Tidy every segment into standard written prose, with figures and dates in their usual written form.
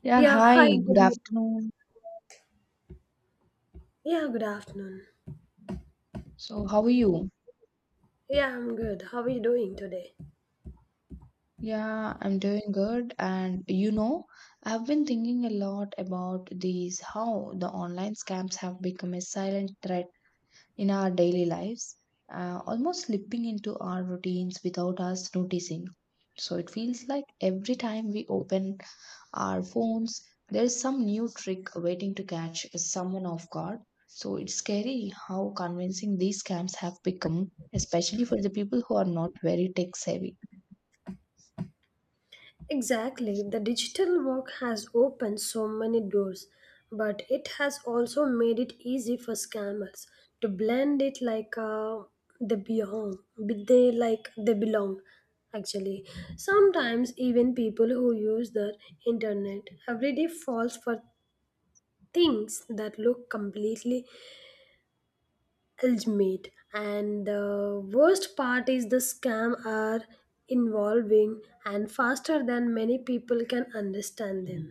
Yeah, Yeah, hi, hi, good good evening. afternoon. Yeah, good afternoon. So, how are you? Yeah, I'm good. How are you doing today? Yeah, I'm doing good. And I've been thinking a lot about these how the online scams have become a silent threat in our daily lives, almost slipping into our routines without us noticing. So, it feels like every time we open our phones. There is some new trick waiting to catch someone off guard. So it's scary how convincing these scams have become, especially for the people who are not very tech savvy. Exactly. The digital work has opened so many doors, but it has also made it easy for scammers to blend it like they belong. But They like they belong. Actually, sometimes even people who use the internet every day falls for things that look completely ultimate, and the worst part is the scam are involving and faster than many people can understand them.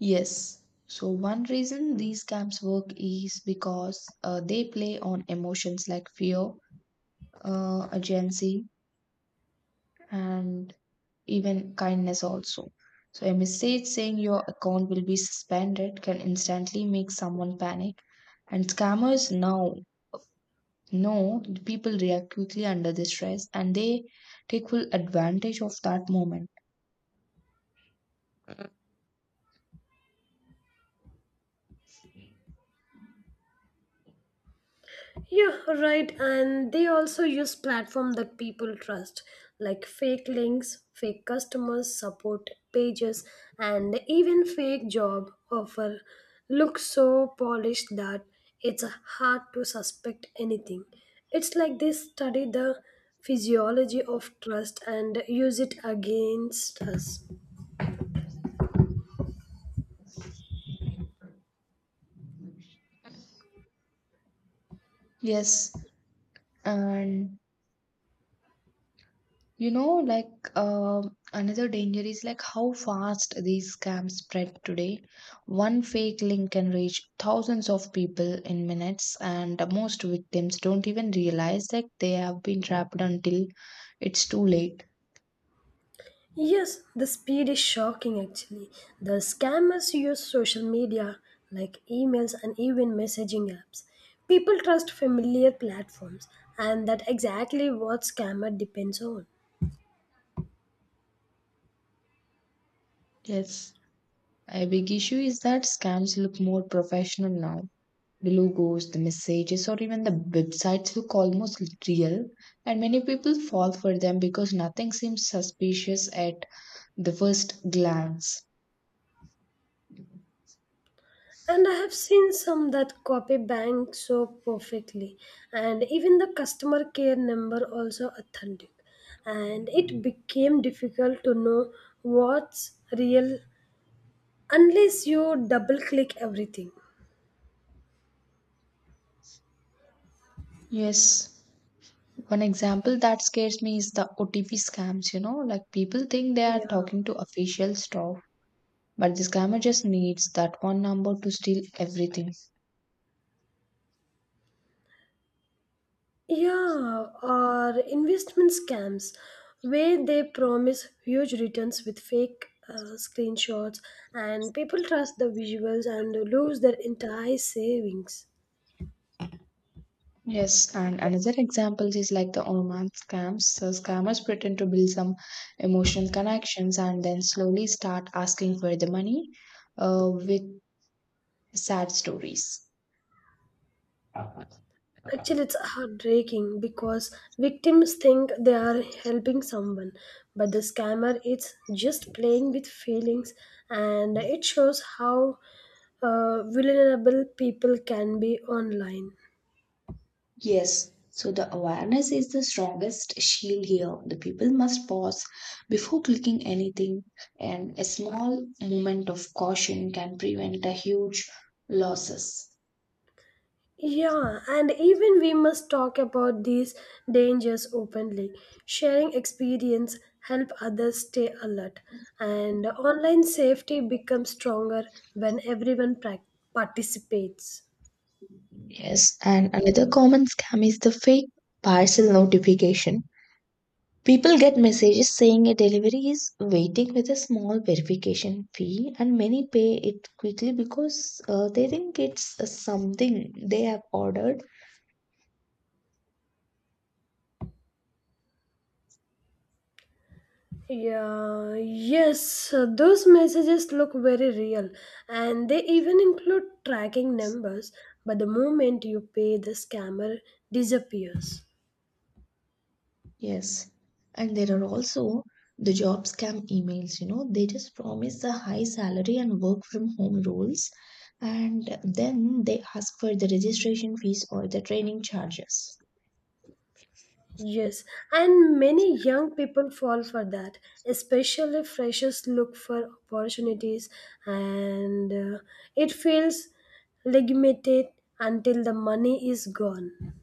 Yes. So one reason these scams work is because they play on emotions like fear, urgency, and even kindness also. So a message saying your account will be suspended can instantly make someone panic. And scammers now No, people react quickly under the stress and they take full advantage of that moment. Yeah, right. And they also use platform that people trust, like fake links, fake customers support pages, and even fake job offer look so polished that it's hard to suspect anything. It's like they study the physiology of trust and use it against us. Yes, and you know, like another danger is like how fast these scams spread today. One fake link can reach thousands of people in minutes, and most victims don't even realize that they have been trapped until it's too late. Yes, the speed is shocking actually. The scammers use social media like emails and even messaging apps. People trust familiar platforms, and that exactly what scammer depends on. Yes, a big issue is that scams look more professional now. The logos, the messages, or even the websites look almost real, and many people fall for them because nothing seems suspicious at the first glance. And I have seen some that copy bank so perfectly, and even the customer care number also authentic. And it became difficult to know what's real unless you double click everything. Yes. One example that scares me is the OTP scams, people think they are Yeah. talking to official staff, but the scammer just needs that one number to steal everything. Yeah, or investment scams where they promise huge returns with fake screenshots, and people trust the visuals and lose their entire savings. Yes, and another example is like the online scams. So scammers pretend to build some emotional connections and then slowly start asking for the money with sad stories. Actually, it's heartbreaking because victims think they are helping someone, but the scammer is just playing with feelings, and it shows how vulnerable people can be online. Yes, so the awareness is the strongest shield here. The people must pause before clicking anything, and a small moment of caution can prevent a huge losses. Yeah, and even we must talk about these dangers openly. Sharing experience help others stay alert, and online safety becomes stronger when everyone prac participates. Yes, and another common scam is the fake parcel notification. People get messages saying a delivery is waiting with a small verification fee, and many pay it quickly because they think it's something they have ordered. Yeah, yes, those messages look very real and they even include tracking numbers, but the moment you pay the scammer disappears. Yes. And there are also the job scam emails, they just promise a high salary and work from home rules, and then they ask for the registration fees or the training charges. Yes, and many young people fall for that, especially freshers look for opportunities, and it feels legitimate until the money is gone.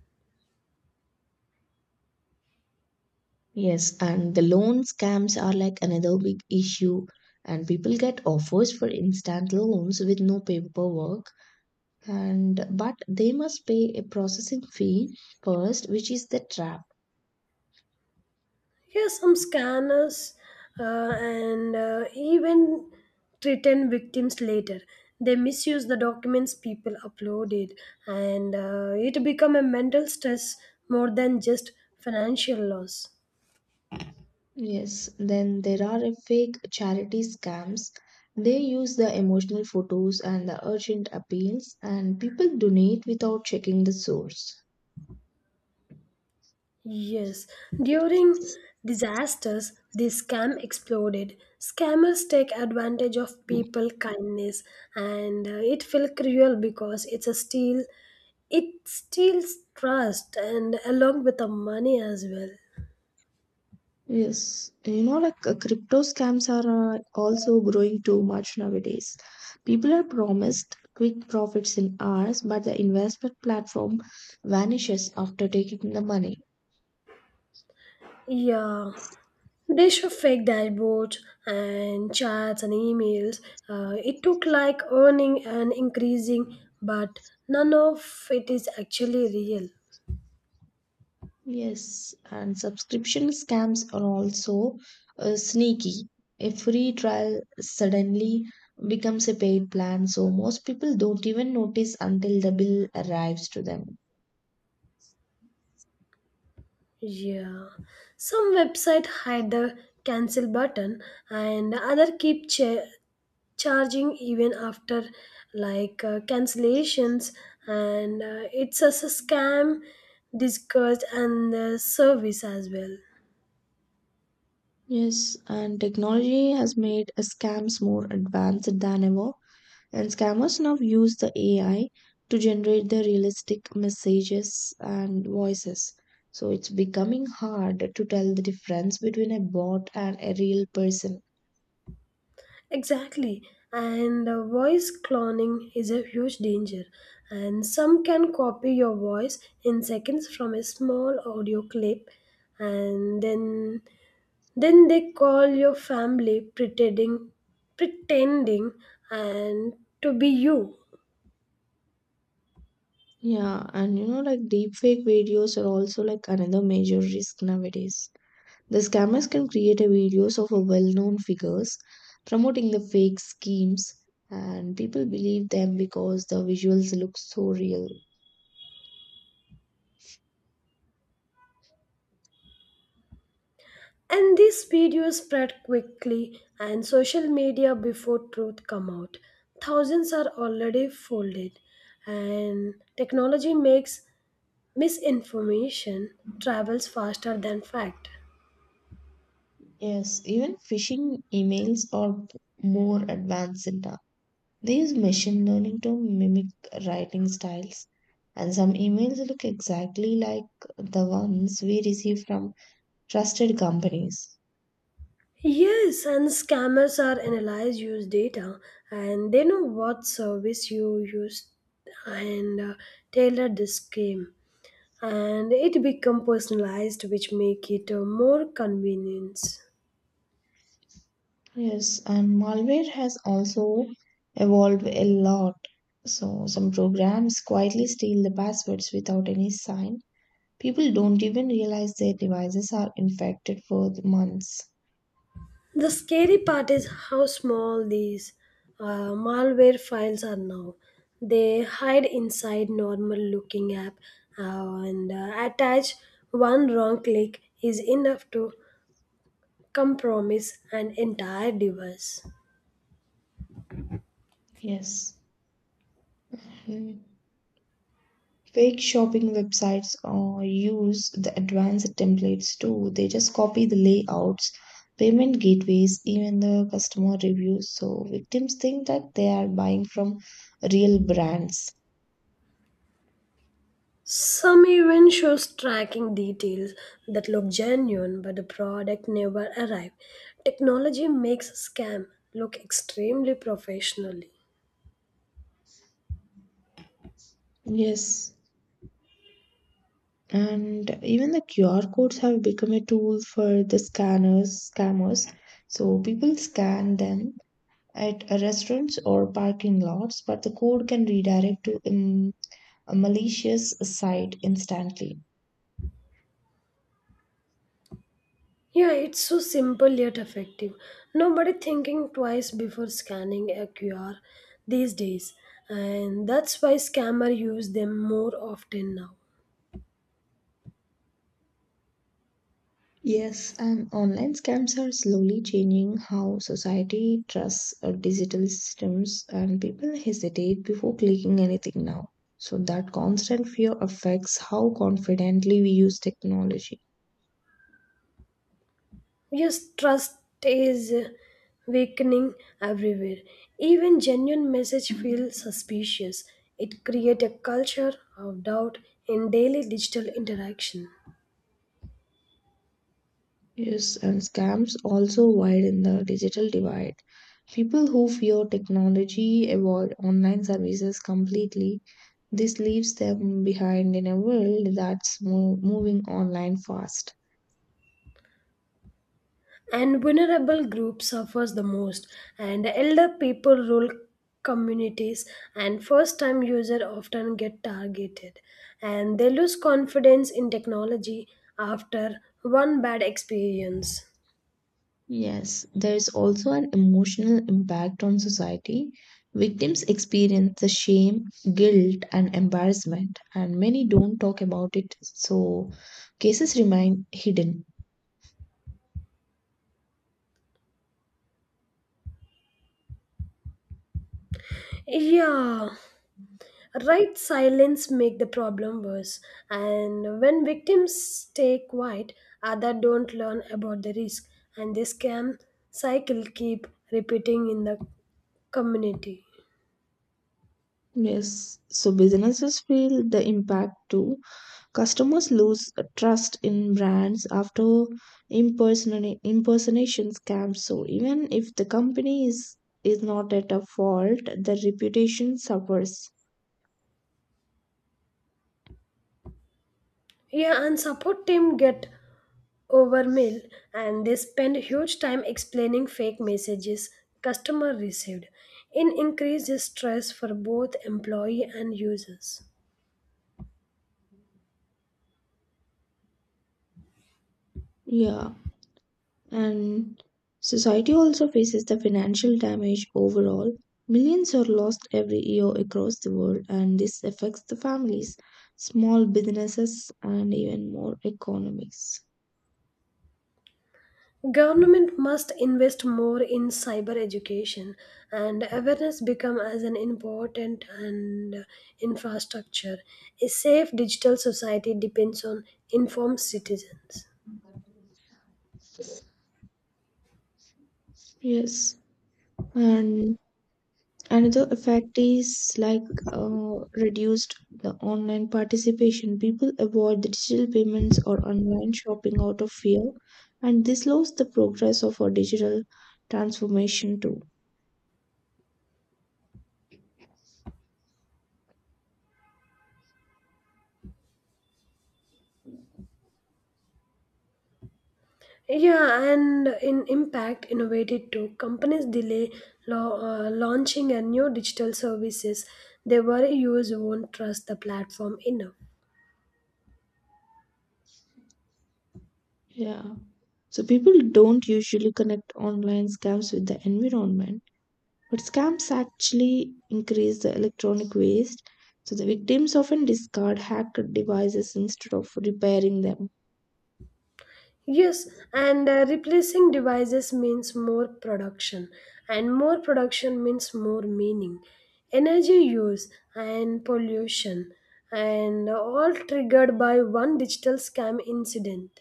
Yes, and the loan scams are like another big issue, and people get offers for instant loans with no paperwork, and but they must pay a processing fee first, which is the trap. Here, some scanners and even threaten victims later. They misuse the documents people uploaded, and it become a mental stress more than just financial loss. Yes, then there are a fake charity scams. They use the emotional photos and the urgent appeals, and people donate without checking the source. Yes, during disasters, the scam exploded. Scammers take advantage of people kindness, and it felt cruel because it's a steal. It steals trust and along with the money as well. Yes, crypto scams are also growing too much nowadays. People are promised quick profits in hours, but the investment platform vanishes after taking the money. Yeah, they show fake dashboards and chats and emails. It took like earning and increasing, but none of it is actually real. Yes, and subscription scams are also sneaky. A free trial suddenly becomes a paid plan, so most people don't even notice until the bill arrives to them. Yeah, some website hide the cancel button, and other keep charging even after like cancellations, and it's a scam discussed and the service as well. Yes, and technology has made scams more advanced than ever. And scammers now use the AI to generate the realistic messages and voices. So it's becoming hard to tell the difference between a bot and a real person. Exactly. And voice cloning is a huge danger. And some can copy your voice in seconds from a small audio clip and then they call your family pretending and to be you. Yeah, and deepfake videos are also like another major risk nowadays. The scammers can create a videos of a well-known figures promoting the fake schemes, and people believe them because the visuals look so real. And these videos spread quickly and social media before truth come out. Thousands are already folded, and technology makes misinformation travels faster than fact. Yes, even phishing emails are more advanced now. They use machine learning to mimic writing styles, and some emails look exactly like the ones we receive from trusted companies. Yes, and scammers are analyze use data, and they know what service you used, and tailor the scheme, and it become personalized which make it more convenience. Yes, and malware has also evolved a lot. So, some programs quietly steal the passwords without any sign. People don't even realize their devices are infected for months. The scary part is how small these malware files are now. They hide inside normal looking app, and attach one wrong click is enough to compromise an entire device. Yes. Hmm. Fake shopping websites use the advanced templates too. They just copy the layouts, payment gateways, even the customer reviews. So victims think that they are buying from real brands. Some even shows tracking details that look genuine, but the product never arrives. Technology makes scam look extremely professionally. Yes. And even the QR codes have become a tool for the scanners, scammers. So people scan them at a restaurants or parking lots, but the code can redirect to a malicious site instantly. Yeah, it's so simple yet effective. Nobody thinking twice before scanning a QR these days, and that's why scammers use them more often now. Yes, and online scams are slowly changing how society trusts digital systems, and people hesitate before clicking anything now. So, that constant fear affects how confidently we use technology. Yes, trust is weakening everywhere. Even genuine message feel suspicious. It create a culture of doubt in daily digital interaction. Yes, and scams also widen the digital divide. People who fear technology avoid online services completely. This leaves them behind in a world that's moving online fast. And vulnerable groups suffers the most, and elder people, rural communities, and first time user often get targeted, and they lose confidence in technology after one bad experience. Yes, there is also an emotional impact on society. Victims experience the shame, guilt, and embarrassment, and many don't talk about it, so cases remain hidden. Yeah, right, silence make the problem worse, and when victims stay quiet, other don't learn about the risk, and this scam cycle keep repeating in the community. Yes, so businesses feel the impact too. Customers lose trust in brands after impersonation scams. So even if the company is not at a fault, the reputation suffers. Yeah, and support team get overmail, and they spend huge time explaining fake messages customer received. It increases stress for both employee and users. Yeah. And society also faces the financial damage overall. Millions are lost every year across the world, and this affects the families, small businesses, and even more economies. Government must invest more in cyber education, and awareness become as an important and infrastructure. A safe digital society depends on informed citizens. Yes. And another effect is like reduced the online participation. People avoid the digital payments or online shopping out of fear, and this slows the progress of our digital transformation too. Yeah, and in impact, innovated too. Companies delay launching a new digital services. They worry users won't trust the platform enough. Yeah. So people don't usually connect online scams with the environment, but scams actually increase the electronic waste. So the victims often discard hacked devices instead of repairing them. Yes, and replacing devices means more production, and more production means more meaning, energy use, and pollution, and all triggered by one digital scam incident.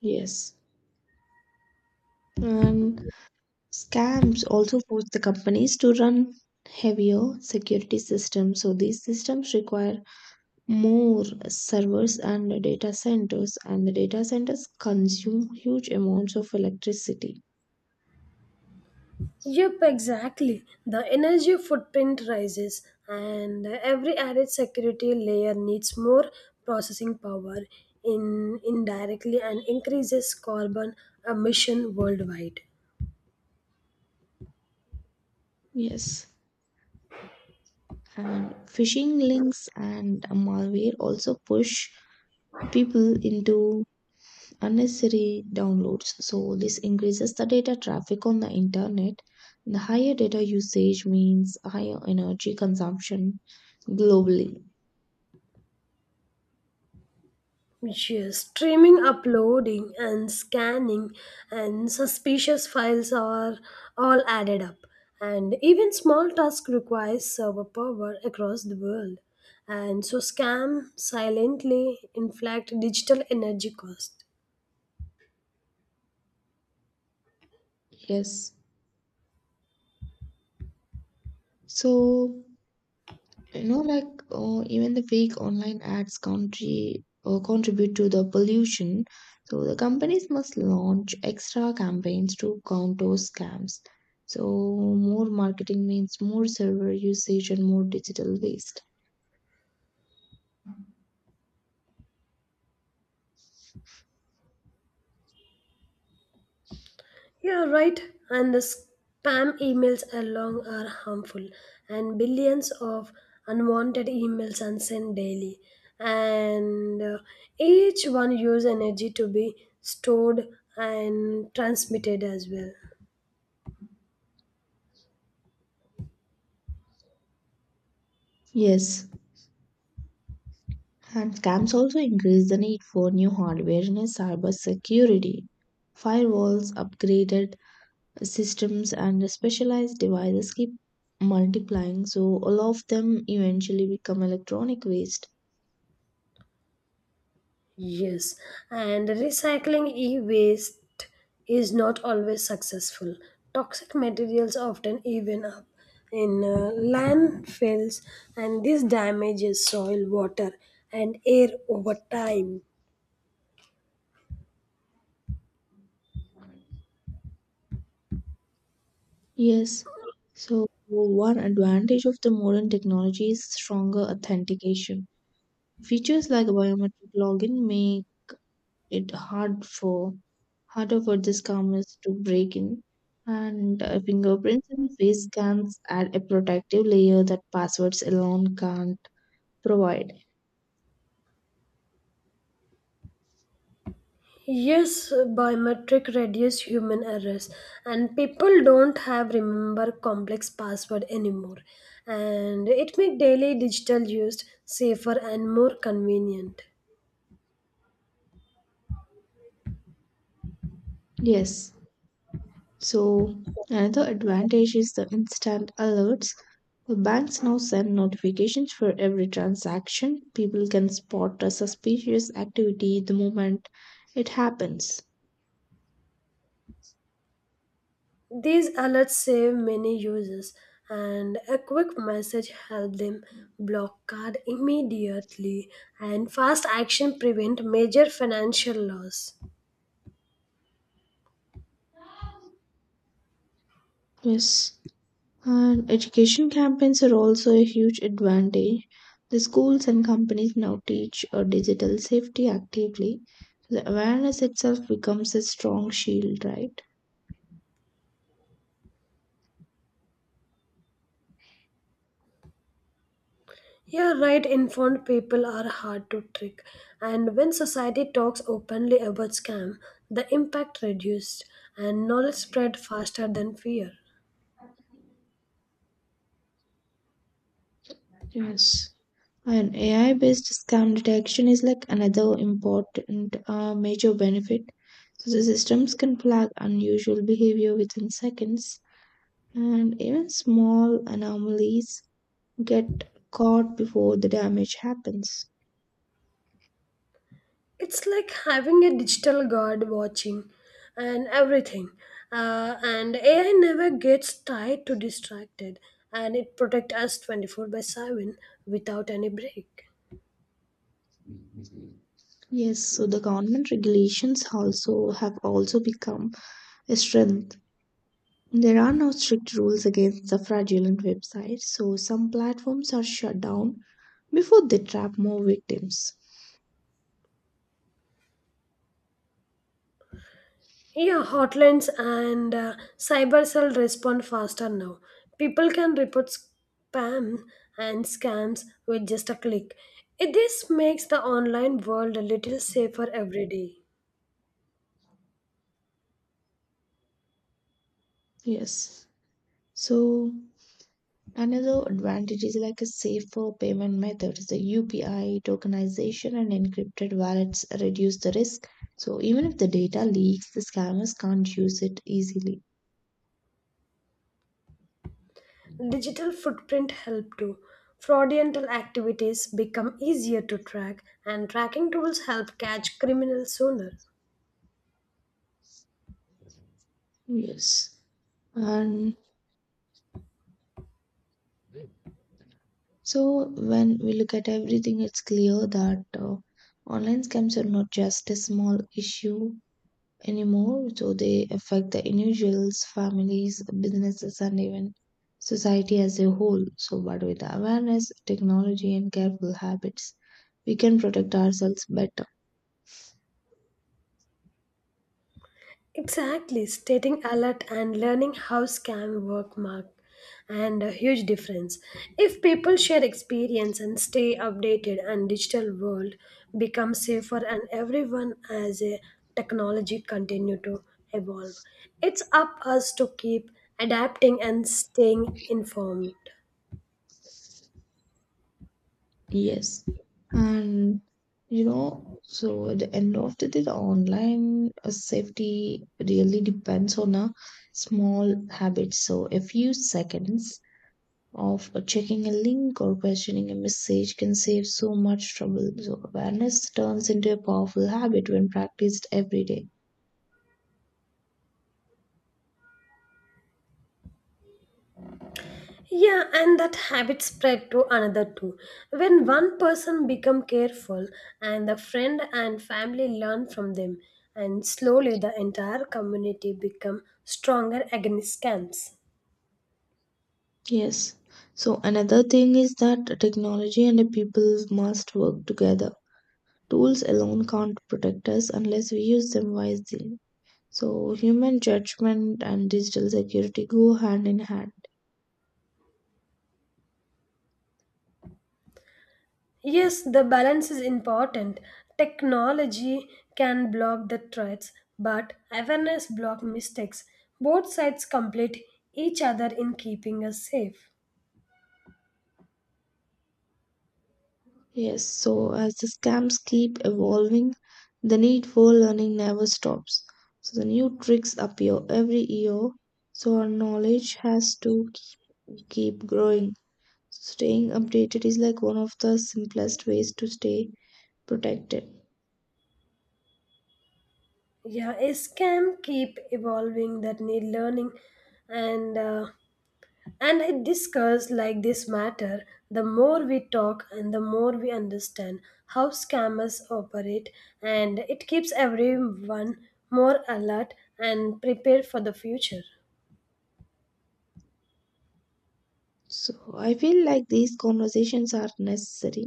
Yes. And scams also force the companies to run heavier security systems. So these systems require more servers and data centers, and the data centers consume huge amounts of electricity. Yep, exactly. The energy footprint rises, and every added security layer needs more processing power in indirectly and increases carbon emission worldwide. Yes. And phishing links and malware also push people into unnecessary downloads, so this increases the data traffic on the internet. The higher data usage means higher energy consumption globally. Yes, streaming, uploading, and scanning and suspicious files are all added up. And even small task requires server power across the world. And so scam silently inflict digital energy cost. Yes, so even the fake online ads country contribute to the pollution. So the companies must launch extra campaigns to counter scams, so more marketing means more server usage and more digital waste. Yeah, right. And the spam emails along are harmful, and billions of unwanted emails are sent daily. And each one use energy to be stored and transmitted as well. Yes, and scams also increase the need for new hardware and cyber security. Firewalls, upgraded systems and specialized devices keep multiplying, so all of them eventually become electronic waste. Yes, and recycling e waste is not always successful. Toxic materials often even up in landfills, and this damages soil, water, and air over time. Yes, so one advantage of the modern technology is stronger authentication. Features like biometric login make it hard for harder for the scammers to break in, and fingerprints and face scans add a protective layer that passwords alone can't provide. Yes, biometric reduce human errors, and people don't have remember complex password anymore, and it make daily digital use safer and more convenient. Yes. So, another advantage is the instant alerts. The banks now send notifications for every transaction. People can spot a suspicious activity the moment it happens. These alerts save many users, and a quick message helps them block card immediately, and fast action prevent major financial loss. Yes, and education campaigns are also a huge advantage. The schools and companies now teach digital safety actively. The awareness itself becomes a strong shield, right? You're right, informed people are hard to trick, and when society talks openly about scam, the impact reduced and knowledge spread faster than fear. Yes. And AI-based scam detection is like another important major benefit. So the systems can flag unusual behavior within seconds, and even small anomalies get caught before the damage happens. It's like having a digital guard watching and everything, and AI never gets tired to distracted, and it protect us 24 by 7 without any break. Yes, so the government regulations also become a strength. There are now strict rules against the fraudulent websites, so some platforms are shut down before they trap more victims. Yeah, hotlines and cyber cell respond faster now. People can report spam and scams with just a click. This makes the online world a little safer every day. Yes. So another advantage is like a safer payment methods. The UPI tokenization and encrypted wallets reduce the risk. So even if the data leaks, the scammers can't use it easily. Digital footprint help too. Fraudulent activities become easier to track, and tracking tools help catch criminals sooner. Yes. And so when we look at everything, it's clear that online scams are not just a small issue anymore, so they affect the individuals, families, businesses, and even society as a whole. So, but with awareness, technology, and careful habits, we can protect ourselves better. Exactly, stating alert and learning how scam work mark and a huge difference. If people share experience and stay updated, and digital world becomes safer and everyone as a technology continue to evolve. It's up us to keep adapting and staying informed. Yes. And so at the end of the day, the online safety really depends on a small habit. So, a few seconds of checking a link or questioning a message can save so much trouble. So, awareness turns into a powerful habit when practiced every day. Yeah, and that habit spread to another too. When one person become careful, and the friend and family learn from them, and slowly the entire community become stronger against scams. Yes. So, another thing is that technology and the people must work together. Tools alone can't protect us unless we use them wisely. So, human judgment and digital security go hand in hand. Yes, the balance is important. Technology can block the threats, but awareness block mistakes. Both sides complete each other in keeping us safe. Yes, so as the scams keep evolving, the need for learning never stops. So the new tricks appear every year, so our knowledge has to keep growing. So staying updated is like one of the simplest ways to stay protected. Yeah, a scam keep evolving that need learning, and and I discuss like this matter, the more we talk and the more we understand how scammers operate, and it keeps everyone more alert and prepared for the future. So I feel like these conversations are necessary.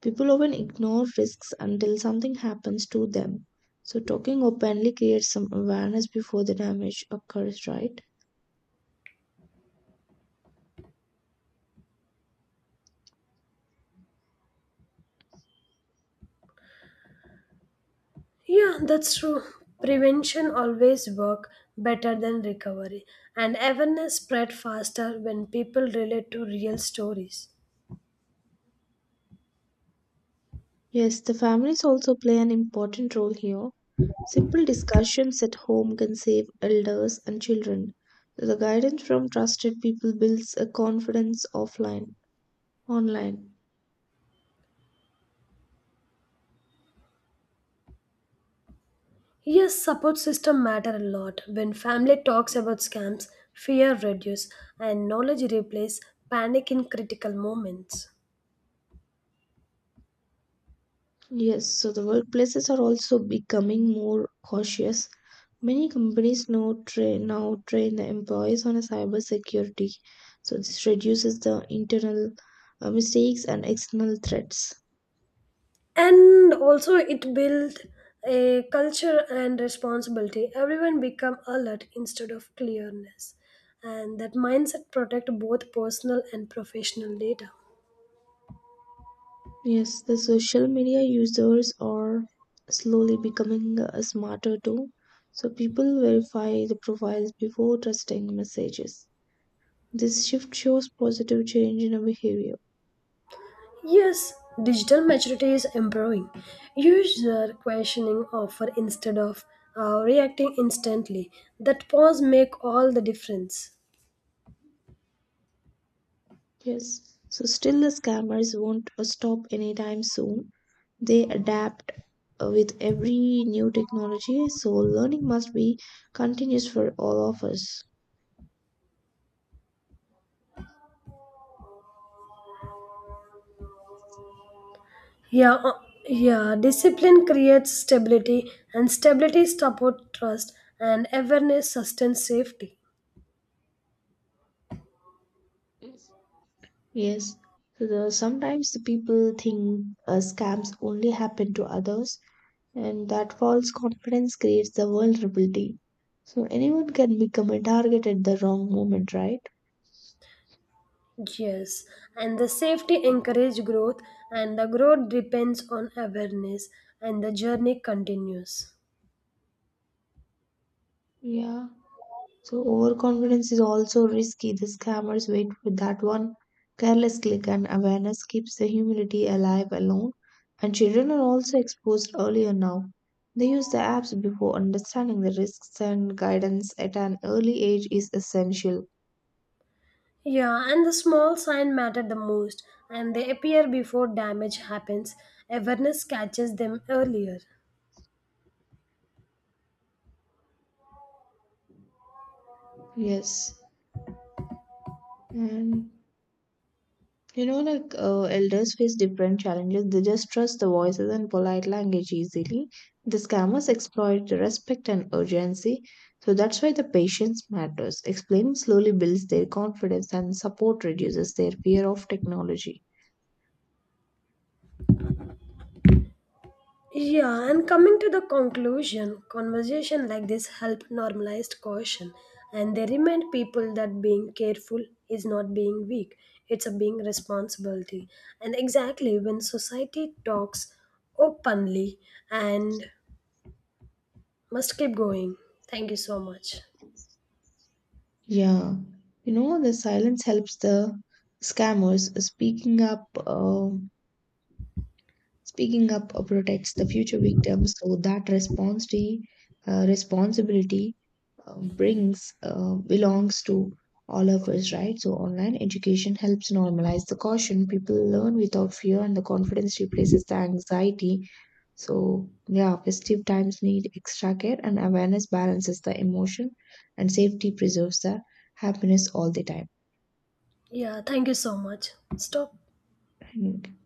People often ignore risks until something happens to them. So talking openly creates some awareness before the damage occurs, right? Yeah, that's true. Prevention always work better than recovery, and awareness spread faster when people relate to real stories. Yes, the families also play an important role here. Simple discussions at home can save elders and children. The guidance from trusted people builds a confidence online. Yes, support system matter a lot. When family talks about scams, fear reduce and knowledge replace panic in critical moments. Yes, so the workplaces are also becoming more cautious. Many companies now train the employees on a cyber security. So this reduces the internal mistakes and external threats. And also it build a culture and responsibility. Everyone become alert instead of clearness. And that mindset protect both personal and professional data. Yes, the social media users are slowly becoming smarter too. So people verify the profiles before trusting messages. This shift shows positive change in our behavior. Yes, digital maturity is improving. User questioning offer instead of reacting instantly. That pause make all the difference. Yes. So still the scammers won't stop anytime soon. They adapt with every new technology. So learning must be continuous for all of us. Yeah, uh, yeah. Discipline creates stability, and stability support trust, and awareness sustains safety. Yes, so sometimes the people think scams only happen to others, and that false confidence creates the vulnerability. So anyone can become a target at the wrong moment, right? Yes, and the safety encourage growth, and the growth depends on awareness, and the journey continues. Yeah. So overconfidence is also risky. The scammers wait for that one careless click, and awareness keeps the humility alive alone. And children are also exposed earlier now. They use the apps before understanding the risks, and guidance at an early age is essential. Yeah, and the small sign matter the most, and they appear before damage happens. Awareness catches them earlier. Yes. And elders face different challenges. They just trust the voices and polite language easily. The scammers exploit the respect and urgency. So that's why the patience matters. Explaining slowly builds their confidence and support reduces their fear of technology. Yeah, and coming to the conclusion, conversation like this help normalized caution, and they remind people that being careful is not being weak; it's a being responsibility. And exactly when society talks openly and must keep going. Thank you so much. Yeah. You know, the silence helps the scammers. Speaking up protects the future victims, so that responsibility brings belongs to all of us, right? So online education helps normalize the caution. People learn without fear, and the confidence replaces the anxiety. So yeah, festive times need extra care, and awareness balances the emotion, and safety preserves the happiness all the time. Yeah, thank you so much. Stop. Hmm.